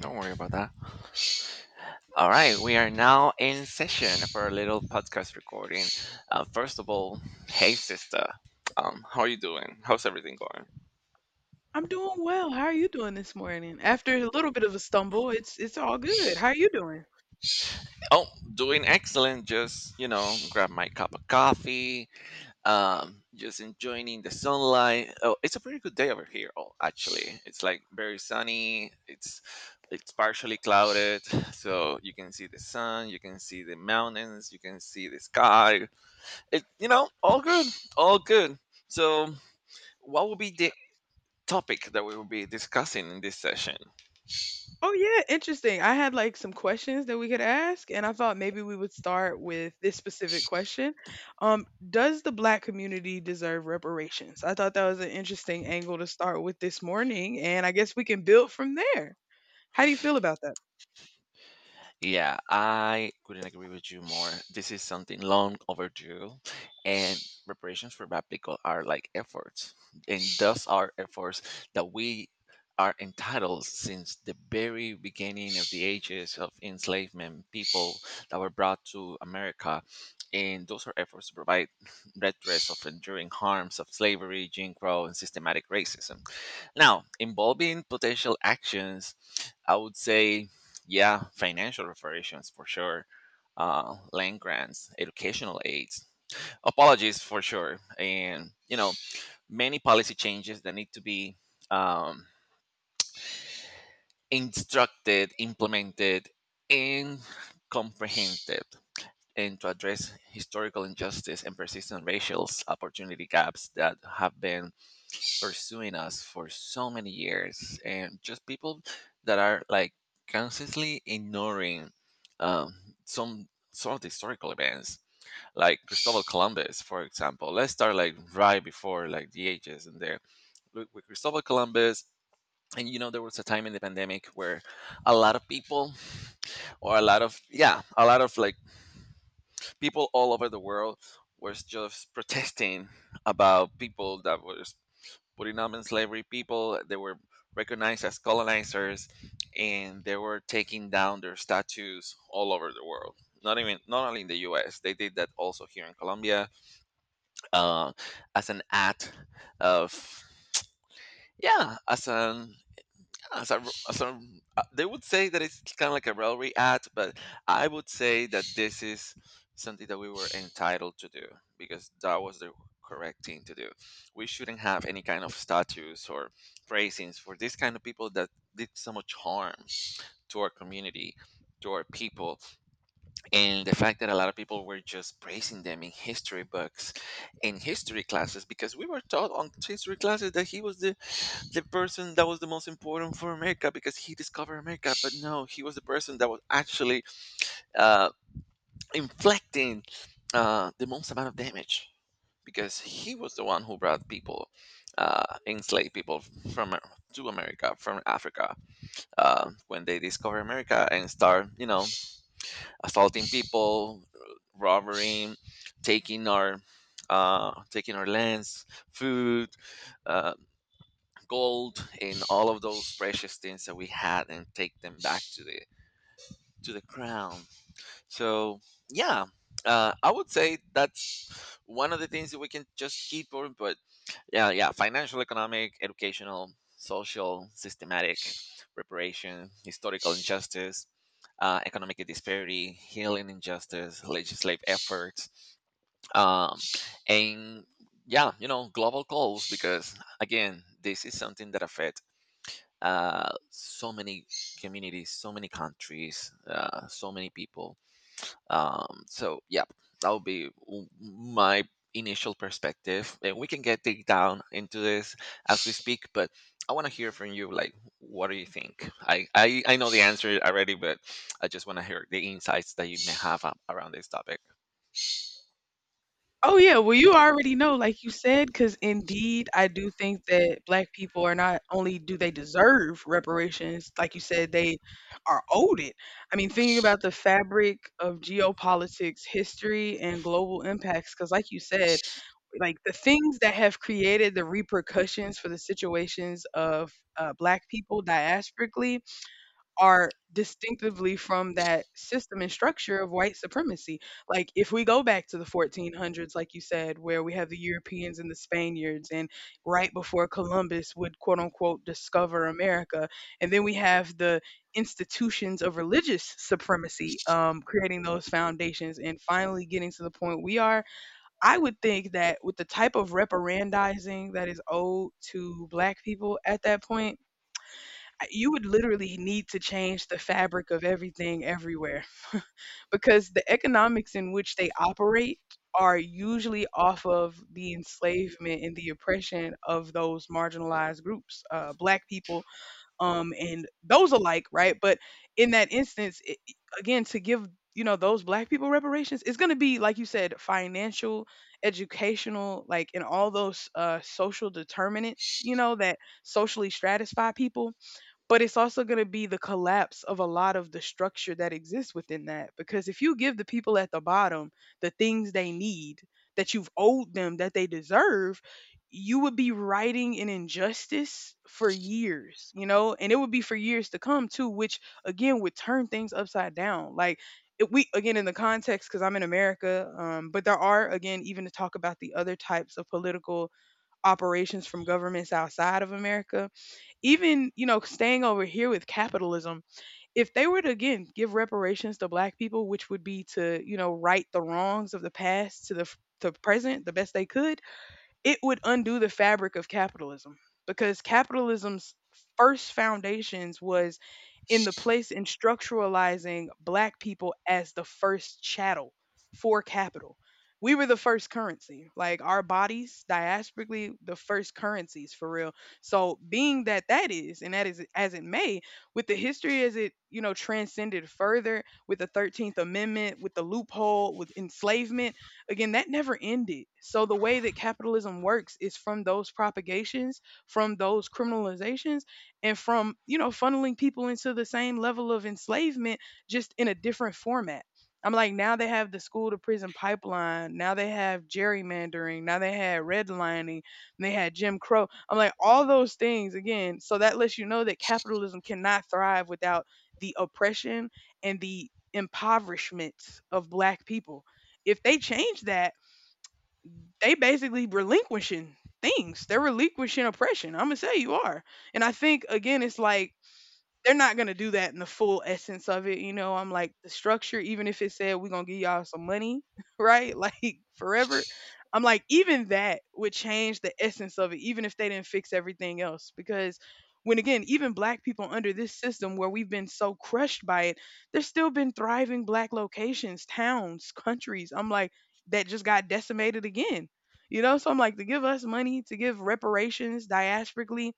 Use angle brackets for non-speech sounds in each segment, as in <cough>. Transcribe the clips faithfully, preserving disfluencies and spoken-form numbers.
Don't worry about that. All right, we are now in session for a little podcast recording. Uh, first of all, hey sister, um, how are you doing? How's everything going? I'm doing well. How are you doing this morning? After a little bit of a stumble, it's it's all good. How are you doing? Oh, doing excellent. Just you know, grab my cup of coffee. Um, just enjoying the sunlight. Oh, it's a pretty good day over here. Oh, actually, it's like very sunny. It's it's partially clouded, so you can see the sun, you can see the mountains, you can see the sky. It, you know all good. All good. So what will be the topic that we will be discussing in this session? Oh yeah, interesting. I had like some questions that we could ask, and I thought maybe we would start with this specific question. Um, does the black community deserve reparations? I thought that was an interesting angle to start with this morning, and I guess we can build from there. How do you feel about that? Yeah, I couldn't agree with you more. This is something long overdue, and reparations for bad people are like efforts, and those are efforts that we are entitled since the very beginning of the ages of enslavement, people that were brought to America, and those are efforts to provide redress of enduring harms of slavery, Jim Crow, and systematic racism. Now, involving potential actions, I would say, yeah, financial reparations for sure. Uh, land grants, educational aids, apologies for sure, and you know many policy changes that need to be, um, instructed, implemented, and comprehended, and to address historical injustice and persistent racial opportunity gaps that have been pursuing us for so many years, and just people that are like consciously ignoring, um, some sort of historical events like Cristobal Columbus, for example. Let's start like right before like the ages, and there with with Cristobal Columbus. And you know there was a time in the pandemic where a lot of people, or a lot of, yeah, a lot of like people all over the world was just protesting about people that was putting in slavery people. They were recognized as colonizers, and they were taking down their statues all over the world. Not even not only in the U S. They did that also here in Colombia, uh, as an act of, yeah, as an as a, as a, uh, they would say that it's kind of like a railway ad, but I would say that this is something that we were entitled to do because that was the correct thing to do. We shouldn't have any kind of statues or praisings for these kind of people that did so much harm to our community, to our people, and the fact that a lot of people were just praising them in history books, in history classes, because we were taught on history classes that he was the the person that was the most important for America because he discovered America. But no, he was the person that was actually, uh, inflicting, uh, the most amount of damage, because he was the one who brought people, uh, enslaved people from to America from Africa uh, when they discovered America, and start, you know, assaulting people, robbing, taking our. Uh, taking our lands, food, uh, gold, in all of those precious things that we had and take them back to the to the crown. So, yeah, uh, I would say that's one of the things that we can just keep on, but yeah, yeah, financial, economic, educational, social, systematic reparation, historical injustice, uh, economic disparity, healing injustice, legislative efforts, um, and yeah, you know global goals, because again this is something that affects, uh, so many communities, so many countries, uh, so many people. Um, so yeah, that'll be w- my initial perspective, and we can get dig down into this as we speak. But I want to hear from you. Like, what do you think? I I, I know the answer already, but I just want to hear the insights that you may have a- around this topic. Oh yeah, well you already know, like you said, because indeed I do think that black people, are not only do they deserve reparations, like you said, they are owed it. I mean, thinking about the fabric of geopolitics, history, and global impacts, because like you said, like the things that have created the repercussions for the situations of uh, black people diasporically are distinctively from that system and structure of white supremacy. Like if we go back to the fourteen hundreds, like you said, where we have the Europeans and the Spaniards, and right before Columbus would quote unquote discover America, and then we have the institutions of religious supremacy, um, creating those foundations and finally getting to the point we are. I would think that with the type of reparandizing that is owed to black people at that point, you would literally need to change the fabric of everything everywhere, because the economics in which they operate are usually off of the enslavement and the oppression of those marginalized groups, uh, black people, um, and those alike, right? But in that instance, it, again, to give you know those black people reparations, it's going to be like you said, financial, educational, like, and all those uh, social determinants, you know, that socially stratify people, but it's also going to be the collapse of a lot of the structure that exists within that, because if you give the people at the bottom the things they need, that you've owed them, that they deserve, you would be writing an injustice for years, you know, and it would be for years to come too, which again would turn things upside down. Like it, we, again, in the context, because I'm in America, um, but there are, again, even to talk about the other types of political operations from governments outside of America, even, you know, staying over here with capitalism, if they were to again give reparations to black people, which would be to, you know, right the wrongs of the past to the f- to present the best they could, it would undo the fabric of capitalism, because capitalism's first foundations was in the place in structuralizing black people as the first chattel for capital. We were the first currency, like our bodies, diasporically, the first currencies for real. So, being that that is, and that is as it may, with the history as it, you know, transcended further with the thirteenth Amendment, with the loophole, with enslavement, again, that never ended. So the way that capitalism works is from those propagations, from those criminalizations, and from, you know, funneling people into the same level of enslavement, just in a different format. I'm like, now they have the school to prison pipeline. Now they have gerrymandering. Now they had redlining. They had Jim Crow. I'm like, all those things again. So that lets you know that capitalism cannot thrive without the oppression and the impoverishment of black people. If they change that, they basically relinquishing things. They're relinquishing oppression. I'm gonna say you are. And I think again, it's like they're not gonna do that in the full essence of it, you know. I'm like the structure, even if it said we're gonna give y'all some money, <laughs> right? Like forever. I'm like, even that would change the essence of it, even if they didn't fix everything else. Because when again, even black people under this system where we've been so crushed by it, there's still been thriving black locations, towns, countries. I'm like, that just got decimated again. You know, so I'm like, to give us money, to give reparations diasporically,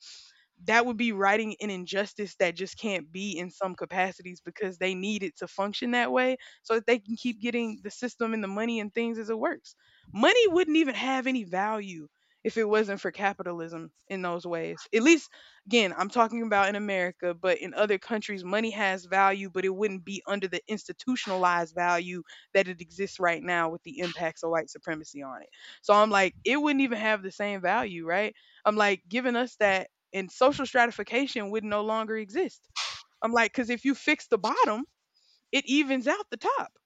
that would be righting an injustice that just can't be in some capacities, because they need it to function that way so that they can keep getting the system and the money and things as it works. Money wouldn't even have any value if it wasn't for capitalism in those ways. At least, again, I'm talking about in America, but in other countries, money has value, but it wouldn't be under the institutionalized value that it exists right now with the impacts of white supremacy on it. So I'm like, it wouldn't even have the same value, right? I'm like, giving us that, and social stratification would no longer exist. I'm like, because if you fix the bottom, it evens out the top.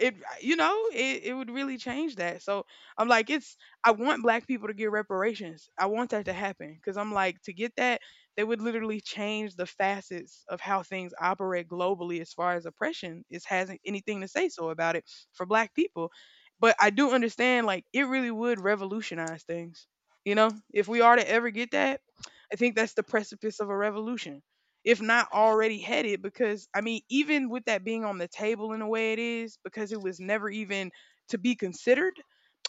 It uh, You know it, it would really change that. So I'm like, it's, I want black people to get reparations. I want that to happen, because I'm like, to get that, they would literally change the facets of how things operate globally, as far as oppression is, hasn't anything to say so about it, for black people. But I do understand, like, it really would revolutionize things, you know, if we are to ever get that. I think that's the precipice of a revolution, if not already had it, because I mean, even with that being on the table in the way it is, because it was never even to be considered,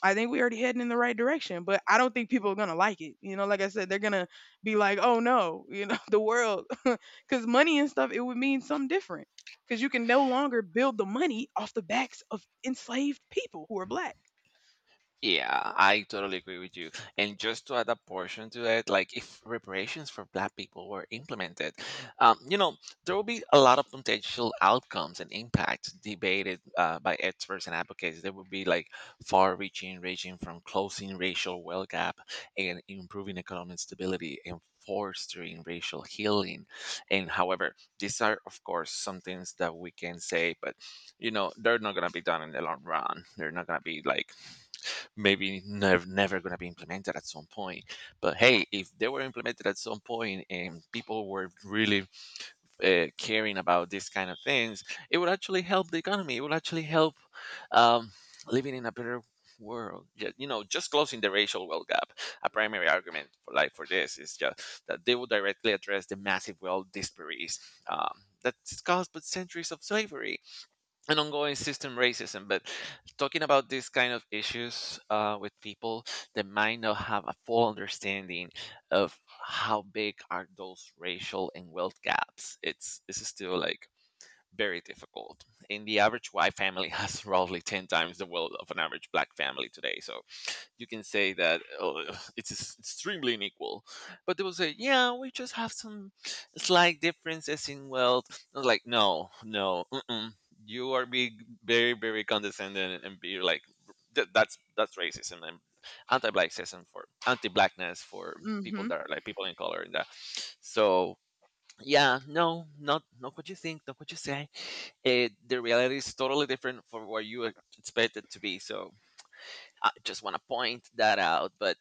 I think we already heading in the right direction. But I don't think people are going to like it, you know, like I said, they're going to be like, oh no, you know, <laughs> the world, cuz money and stuff, it would mean something different, cuz you can no longer build the money off the backs of enslaved people who are black. Yeah, I totally agree with you. And just to add a portion to it, like if reparations for Black people were implemented, um, you know, there will be a lot of potential outcomes and impacts debated, uh, by experts and advocates. There will be like far-reaching, ranging from closing racial wealth gap, and improving economic stability, and fostering racial healing. And however, these are of course some things that we can say, but you know, they're not gonna be done in the long run. They're not gonna be like, maybe never never going to be implemented at some point. But hey, if they were implemented at some point and people were really, uh, caring about these kind of things, it would actually help the economy. It would actually help, um, living in a better world. Ju- you know just closing the racial wealth gap, a primary argument for, like for this, is just that they would directly address the massive wealth disparities, um, that's caused by centuries of slavery, an ongoing system racism. But talking about these kind of issues, uh, with people that might not have a full understanding of how big are those racial and wealth gaps, it's this is still like very difficult. And the average white family has <laughs> roughly ten times the wealth of an average black family today. So you can say that, oh, <laughs> it's s- extremely unequal, but they will say, yeah, we just have some slight differences in wealth. I was like, no, no, mm-mm. You are being very, very condescending and be like, "Th- that's that's racism, and anti-blackism, for anti-blackness, for people Mhm. that are like people in color, and that, so yeah, no, not not what you think, not what you say. It, the reality is totally different from what you expected to be. So I just want to point that out. But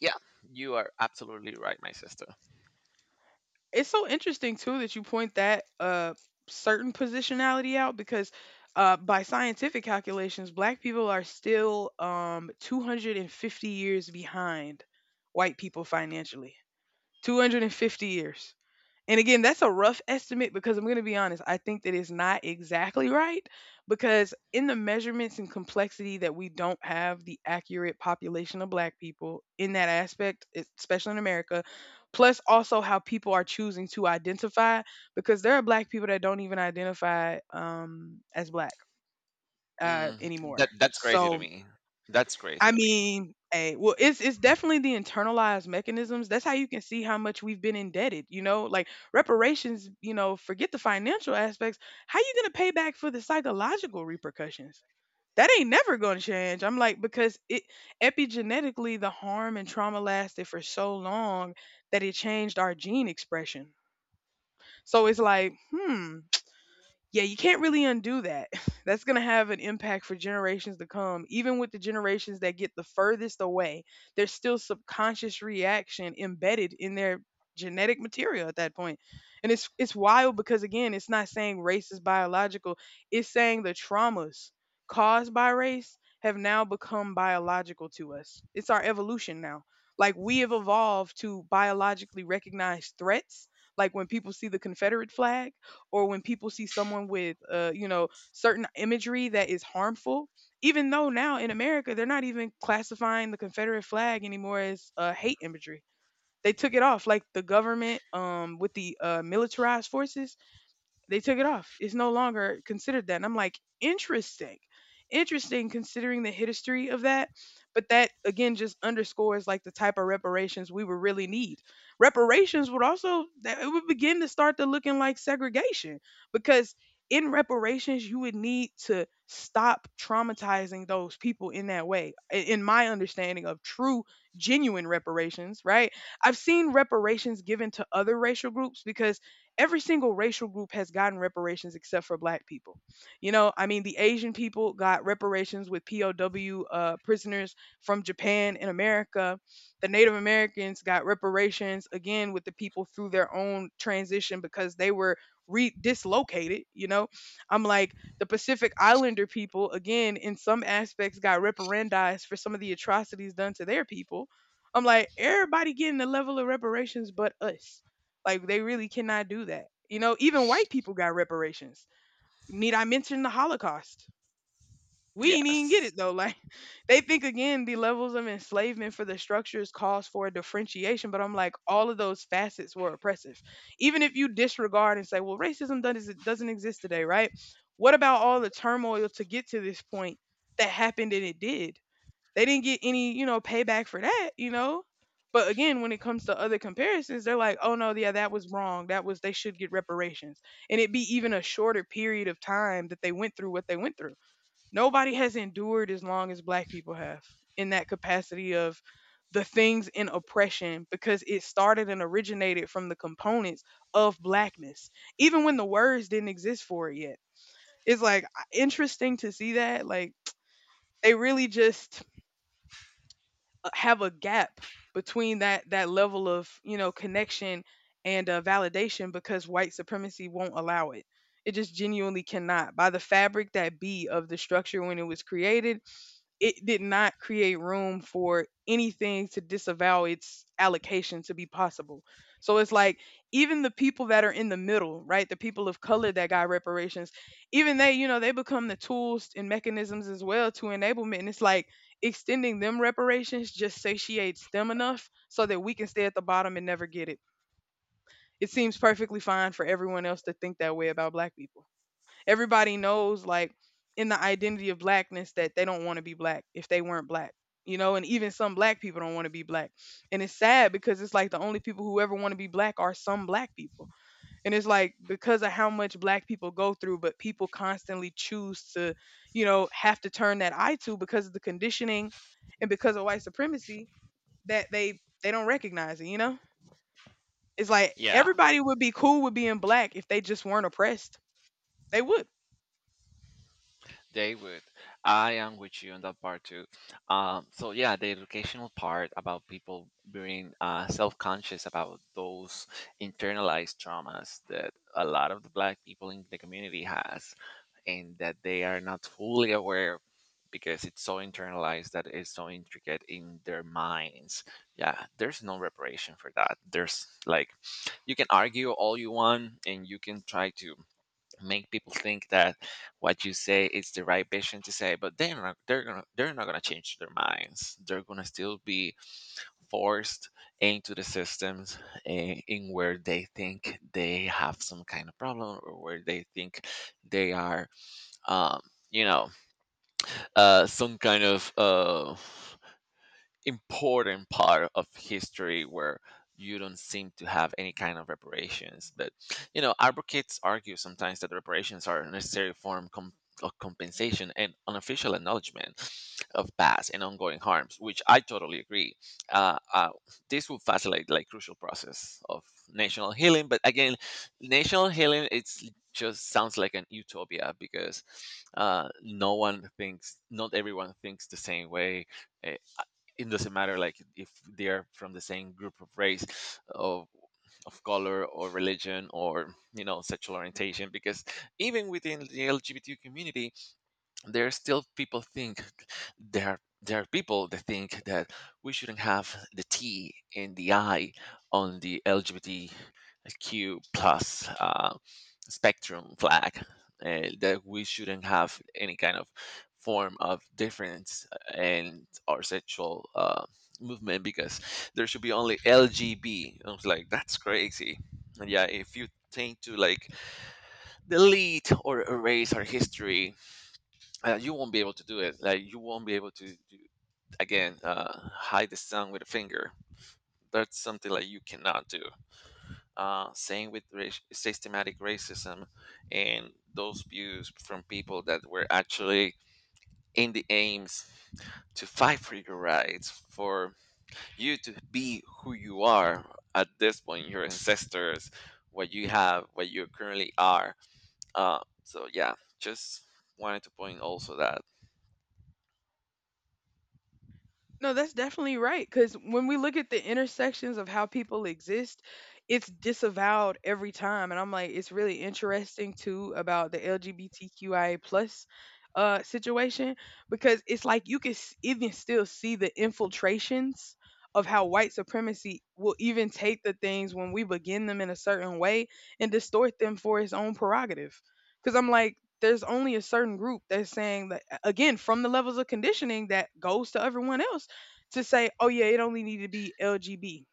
yeah, you are absolutely right, my sister. It's so interesting too that you point that uh certain positionality out, because uh by scientific calculations, black people are still um two hundred fifty years behind white people financially. two hundred fifty years. And again, that's a rough estimate, because I'm going to be honest, I think that it's not exactly right, because in the measurements and complexity that we don't have the accurate population of black people in that aspect, es- especially in America, plus also how people are choosing to identify, because there are black people that don't even identify um, as black uh, Mm, anymore. that that's crazy to So me. That's crazy I to me. mean, hey, well, it's it's definitely the internalized mechanisms. That's how you can see how much we've been indebted. You know, like reparations. You know, forget the financial aspects. How you gonna pay back for the psychological repercussions? That ain't never gonna change. I'm like because it, epigenetically, the harm and trauma lasted for so long that it changed our gene expression. So it's like, hmm, yeah, you can't really undo that. <laughs> That's going to have an impact for generations to come. Even with the generations that get the furthest away, there's still subconscious reaction embedded in their genetic material at that point. And it's it's wild because again, it's not saying race is biological. It's saying the traumas caused by race have now become biological to us. It's our evolution now. Like we have evolved to biologically recognize threats, like when people see the Confederate flag, or when people see someone with uh you know certain imagery that is harmful. Even though now in America they're not even classifying the Confederate flag anymore as uh, hate imagery, they took it off, like the government, um with the uh militarized forces, they took it off. It's no longer considered that. And I'm like, interesting. Interesting, considering the history of that. But that again just underscores like the type of reparations we would really need. Reparations would also, that it would begin to start to looking like segregation, because in reparations you would need to stop traumatizing those people in that way, i- in my understanding of true genuine reparations, right? I've seen reparations given to other racial groups, because every single racial group has gotten reparations except for black people. You know, I mean, the Asian people got reparations with P O W uh, prisoners from Japan and America. The Native Americans got reparations, again, with the people through their own transition, because they were re- dislocated. You know, I'm like the Pacific Islander people, again, in some aspects got reparandized for some of the atrocities done to their people. I'm like, everybody getting the level of reparations but us. Like they really cannot do that. You know, even white people got reparations. Need I mention the Holocaust? We ain't even get Yes. it though. Like, <laughs> they think again the levels of enslavement for the structures calls for differentiation, but I'm like all of those facets were oppressive. Even if you disregard and say, well, racism doesn't doesn't exist today, right? What about all the turmoil to get to this point that happened and it did? They didn't get any, you know, payback for that, you know? But again, when it comes to other comparisons, they're like, "Oh no, yeah, that was wrong. That was they should get reparations." And it'd be even a shorter period of time that they went through what they went through. Nobody has endured as long as black people have in that capacity of the things in oppression because it started and originated from the components of blackness, even when the words didn't exist for it yet. It's like interesting to see that. Like they really just uh, have a gap between that that level of you know connection and uh, validation because white supremacy won't allow it. It just genuinely cannot. By the fabric that be of the structure when it was created, it did not create room for anything to disavow its allocation to be possible. So it's like even the people that are in the middle, right? The people of color that got reparations, even they, you know, they become the tools and mechanisms as well to enablement. And it's like extending them reparations just satiates them enough so that we can stay at the bottom and never get it. It seems perfectly fine for everyone else to think that way about black people. Everybody knows, like, in the identity of blackness, that they don't want to be black if they weren't black you know And even some black people don't want to be black, and it's sad because it's like the only people who ever want to be black are some black people. And it's like, because of how much black people go through, but people constantly choose to, you know have to turn that eye to, because of the conditioning and because of white supremacy, that they they don't recognize it you know It's like Yeah, everybody would be cool with being black if they just weren't oppressed. They would. they would. I am with you on that part too. Um, so yeah, the educational part about people being, uh, self-conscious about those internalized traumas that a lot of the black people in the community has, and that they are not fully aware because it's so internalized that it's so intricate in their minds. Yeah, there's no reparation for that. There's like, you can argue all you want and you can try to make people think that what you say is the right vision to say, but they're not they're gonna they're not gonna change their minds. They're gonna still be forced into the systems, eh, in where they think they have some kind of problem, or where they think they are, um, you know, uh, some kind of, uh, important part of history, where you don't seem to have any kind of reparations. But you know, advocates argue sometimes that reparations are a necessary form com- of compensation and unofficial acknowledgement of past and ongoing harms, which I totally agree. Uh, uh, this will facilitate like crucial process of national healing. But again, national healing it's just sounds like an utopia because, uh, no one thinks, not everyone thinks the same way. eh, it doesn't matter like if they are from the same group of race of of color, or religion, or you know sexual orientation, because even within the L G B T Q community there are still people think, there are there are people that think that we shouldn't have the T in the I on the L G B T Q plus, uh, spectrum flag, uh, that we shouldn't have any kind of form of difference and our sexual, uh, movement, because there should be only L G B. I was like, that's crazy. And yeah, if you think to like delete or erase our history, uh, you won't be able to do it. Like you won't be able to do, again, uh, hide the sun with a finger. That's something like you cannot do. Uh, same with rac- systematic racism, and those views from people that were actually in the aims to fight for your rights, for you to be who you are at this point, your ancestors, what you have, what you currently are. Uh, so yeah, just wanted to point also that. No, that's definitely right. Because when we look at the intersections of how people exist, it's disavowed every time. And I'm like, it's really interesting too about the LGBTQIA plus uh, situation because it's like you can s- even still see the infiltrations of how white supremacy will even take the things when we begin them in a certain way and distort them for its own prerogative. Because I'm like, there's only a certain group that's saying that, again, from the levels of conditioning that goes to everyone else, to say, oh yeah, it only needed to be L G B.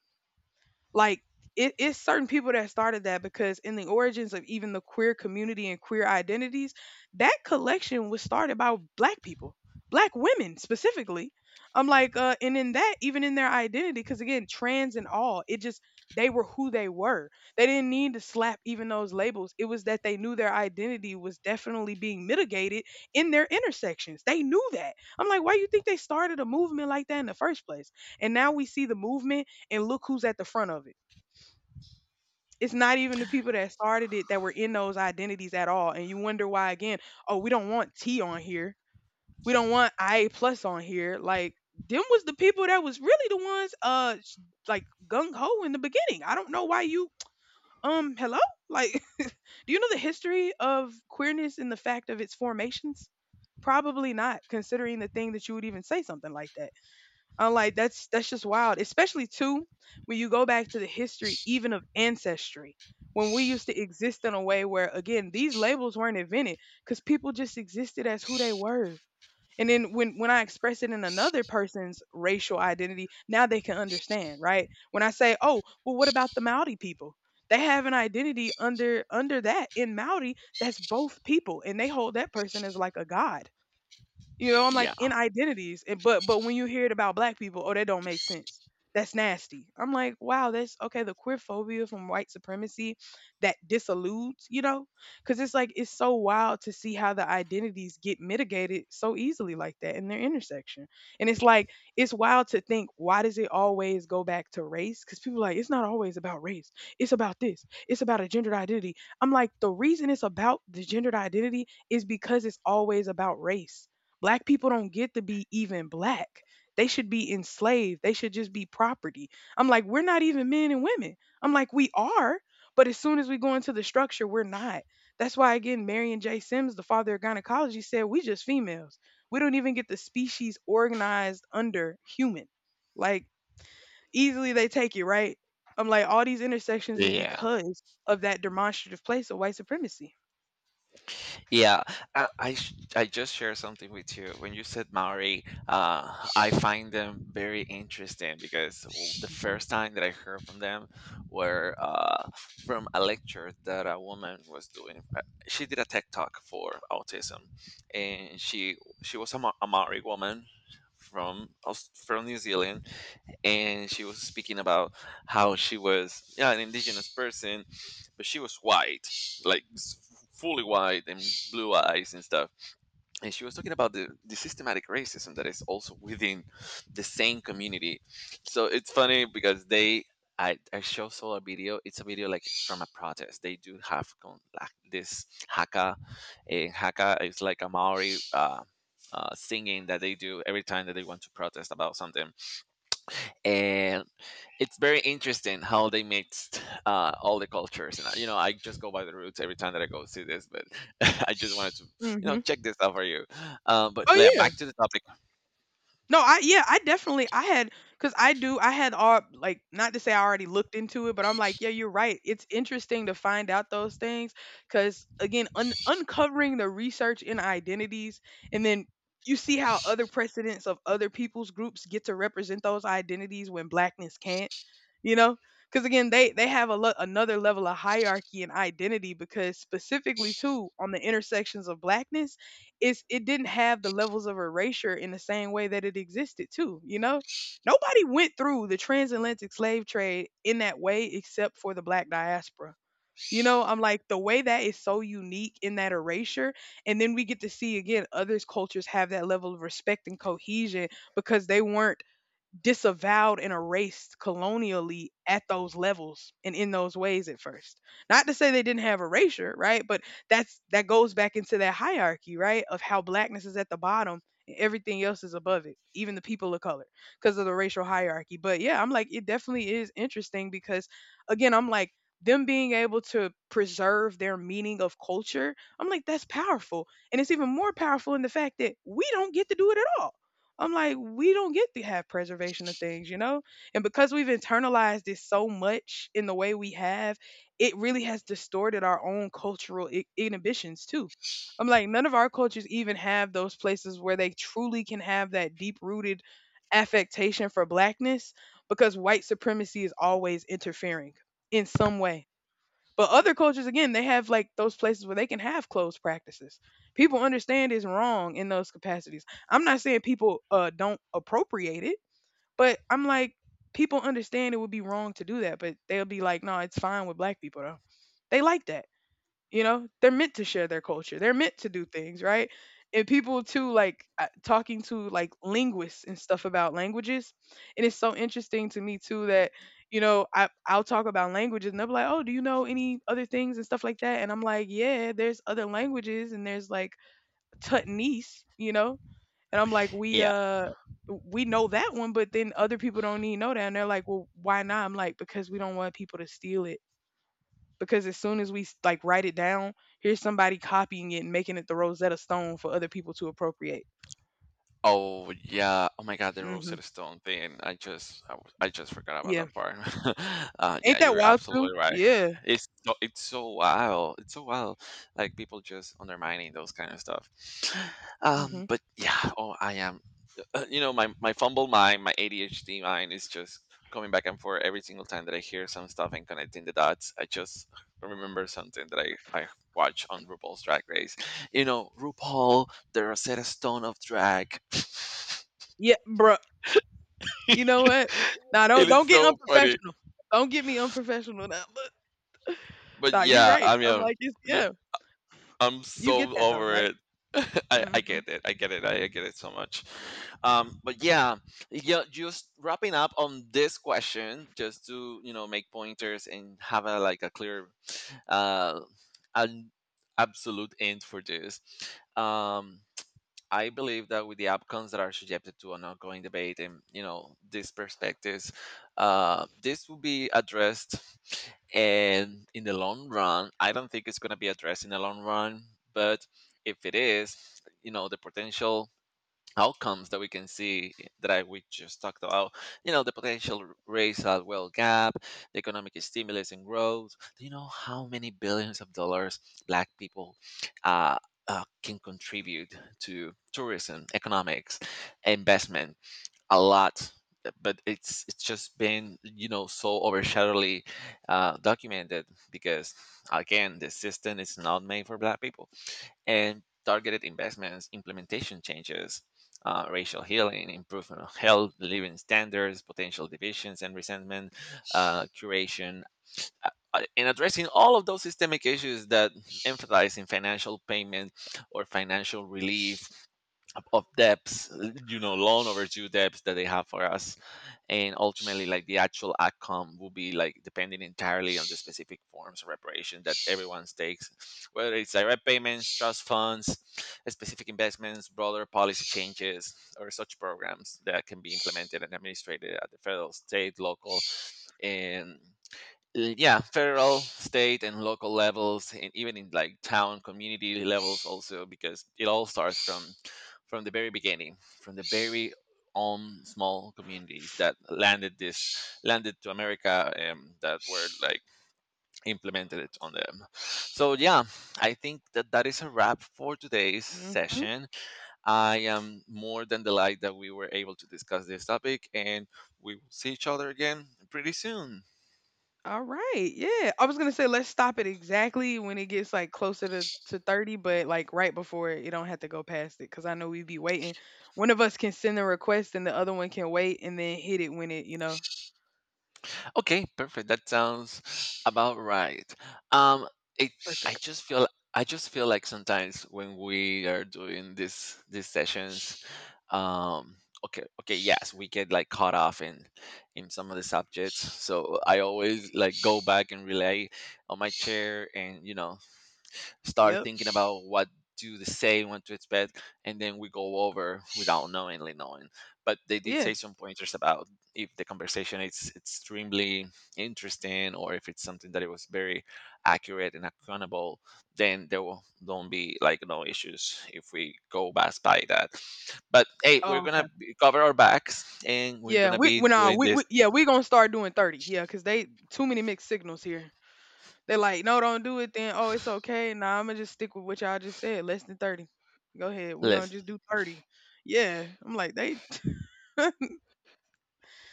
Like, it, it's certain people that started that, because in the origins of even the queer community and queer identities, that collection was started by black people, black women specifically. I'm like, uh, and in that, even in their identity, because again, trans and all, it just they were who they were. They didn't need to slap even those labels. It was that they knew their identity was definitely being mitigated in their intersections. They knew that. I'm like, why you think they started a movement like that in the first place? And now we see the movement, and look who's at the front of it. It's not even the people that started it that were in those identities at all. And you wonder why again, oh, we don't want T on here. We don't want I A plus on here. Like, them was the people that was really the ones uh sh- like gung ho in the beginning. I don't know why you um hello? Like <laughs> do you know the history of queerness and the fact of its formations? Probably not, considering the thing that you would even say something like that. I'm like, that's that's just wild. Especially too, when you go back to the history even of ancestry, when we used to exist in a way where, again, these labels weren't invented because people just existed as who they were. And then when when I express it in another person's racial identity, now they can understand, right? When I say, oh, well, what about the Maori people? They have an identity under under that in Maori that's both people, and they hold that person as like a god. You know, I'm like, Yeah. in identities, and but but when you hear it about black people, oh, that don't make sense. That's nasty. I'm like, wow, that's okay. The queer phobia from white supremacy that disilludes, you know, because it's like it's so wild to see how the identities get mitigated so easily like that in their intersection. And it's like it's wild to think, why does it always go back to race? Because people are like, it's not always about race. It's about this. It's about a gendered identity. I'm like, the reason it's about the gendered identity is because it's always about race. Black people don't get to be even black. They should be enslaved. They should just be property. I'm like, we're not even men and women. I'm like, we are. But as soon as we go into the structure, we're not. That's why, again, Marion J. Sims, the father of gynecology, said, we just females. We don't even get the species organized under human. Like, easily they take it, right? I'm like, all these intersections is Yeah. because of that demonstrative place of white supremacy. Yeah, I I, sh- I just share something with you. When you said Maori, uh, I find them very interesting because w- the Hmm. first time that I heard from them were, uh, from a lecture that a woman was doing. Uh, She did a tech talk for autism, and she she was a, Ma- a Maori woman from Aus- from New Zealand, and she was speaking about how she was, yeah, an indigenous person, but she was white, like s- fully white and blue eyes and stuff. And she was talking about the, the systematic racism that is also within the same community. So it's funny because they, I, I show saw a video. It's a video like from a protest they do have con- like this haka. And haka is like a Maori, uh, uh, singing that they do every time that they want to protest about something. And it's very interesting how they mixed uh, all the cultures, and uh, you know, I just go by the roots every time that I go see this, but <laughs> I just wanted to, you know, Hmm. check this out for you. Um, but yeah, Oh, yeah. back to the topic. No, I yeah, I definitely I had, because I do I had all, like, not to say I already looked into it, but I'm like, yeah, you're right. It's interesting to find out those things, because again, un- uncovering the research in identities, and then you see how other precedents of other people's groups get to represent those identities when blackness can't, you know? Because again, they they have a lo- another level of hierarchy and identity, because specifically too on the intersections of blackness, it's it didn't have the levels of erasure in the same way that it existed too you know Nobody went through the transatlantic slave trade in that way except for the black diaspora. You know, I'm like, the way that is so unique in that erasure, and then we get to see again others cultures have that level of respect and cohesion, because they weren't disavowed and erased colonially at those levels and in those ways at first. Not to say they didn't have erasure, right? But that's that goes back into that hierarchy, right? Of how blackness is at the bottom and everything else is above it, even the people of color, because of the racial hierarchy. But yeah, I'm like, it definitely is interesting because, again, I'm like, them being able to preserve their meaning of culture, I'm like, that's powerful. And it's even more powerful in the fact that we don't get to do it at all. I'm like, we don't get to have preservation of things, you know? And because we've internalized this so much in the way we have, it really has distorted our own cultural I- inhibitions too. I'm like, none of our cultures even have those places where they truly can have that deep rooted affectation for blackness, because white supremacy is always interfering in some way. But other cultures, again, they have like those places where they can have closed practices. People understand it's wrong in those capacities. I'm not saying people uh, don't appropriate it, but I'm like, people understand it would be wrong to do that, but they'll be like, no, it's fine with black people though. They like that, you know, they're meant to share their culture, they're meant to do things right. And people too, like, uh, talking to like linguists and stuff about languages, and it's so interesting to me too that, you know, I, I'll talk about languages and they'll be like, oh, do you know any other things and stuff like that, and I'm like, yeah, there's other languages and there's like tutnese, you know. And I'm like, we Yeah. uh we know that one, but then other people don't need know that, and they're like, well, why not? I'm like, because we don't want people to steal it, because as soon as we s- like write it down, here's somebody copying it and making it the Rosetta Stone for other people to appropriate. Oh, yeah. Oh my god, the Hmm. Rosetta Stone thing, I just i, w- I just forgot about Yeah, that part. <laughs> uh, yeah, ain't that you're wild too? absolutely right. Yeah. it's so, it's so wild, it's so wild, like people just undermining those kind of stuff. Um hmm. But yeah, oh, I am, uh, you know, my my fumble mind, my A D H D mind is just coming back and forth every single time that I hear some stuff and connecting the dots. I just remember something that i i watch on RuPaul's Drag Race. You know, RuPaul, the Rosetta Stone of drag. <laughs> Yeah, bruh. You know what? Nah, It don't is don't get so funny. unprofessional. Don't get me unprofessional now. <laughs> But nah, you're yeah, right. I I'm mean, like, it's, yeah, I'm you get so that though, over right? it. <laughs> I, hmm. I get it. I get it. I, I get it so much. Um, but yeah, yeah, just wrapping up on this question, just to, you know, make pointers and have a like a clear, uh, an absolute end for this. Um, I believe that with the outcomes that are subjected to an ongoing debate and, you know, these perspectives, uh, this will be addressed. And in the long run, I don't think it's going to be addressed in the long run. But if it is, you know, the potential outcomes that we can see that I we just talked about. You know, the potential r- racial wealth gap, the economic stimulus and growth. Do you know how many billions of dollars Black people uh, uh, can contribute to tourism, economics, investment? A lot. But it's it's just been, you know, so overshadowedly, uh, documented because again, the system is not made for Black people. And targeted investments, implementation changes, uh, racial healing, improvement of health, living standards, potential divisions and resentment, uh, curation, uh, uh, and addressing all of those systemic issues that emphasize in financial payment or financial relief of debts, you know, loan overdue debts that they have for us. And ultimately, like, the actual outcome will be like depending entirely on the specific forms of reparation that everyone takes, whether it's direct payments, trust funds, specific investments, broader policy changes, or such programs that can be implemented and administrated at the federal, state, local, and, uh, yeah, federal, state, and local levels, and even in like town community levels also, because it all starts from from the very beginning, from the very own small communities that landed this landed to America. Um, that were like implemented it on them. So yeah, I think that that is a wrap for today's Hmm. session. I am more than delighted that we were able to discuss this topic, and we will see each other again pretty soon. All right. Yeah. I was gonna say let's stop it exactly when it gets like closer to, to thirty, but like right before it, you don't have to go past it because I know we'd be waiting. One of us can send a request and the other one can wait and then hit it when it, you know, Okay, perfect. That sounds about right. Um, it, I perfect. just feel I just feel like sometimes when we are doing this these sessions, um, okay, okay, yes, we get like caught off in in some of the subjects. So I always like go back and relay on my chair, and, you know, start Yep. thinking about what do they say, what to expect, and then we go over without knowingly knowing. But they did Yeah. say some pointers about if the conversation is extremely interesting, or if it's something that it was very accurate and accountable, then there will don't be like no issues if we go past by that. But hey, we're Oh, okay. gonna be- cover our backs, and we're Yeah. gonna We, be we nah, doing we, this we yeah, we gonna start doing thirty. Yeah, because they too many mixed signals here. They're like, no, don't do it then. Oh, it's okay. Nah, I'm gonna just stick with what y'all just said. Less than thirty. Go ahead. We're gonna list. just do thirty. Yeah. I'm like, they <laughs>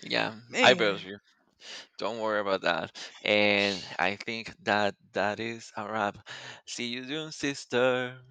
Yeah, eyebrows. man. Don't worry about that. And I think that that is a wrap. See you soon, sister.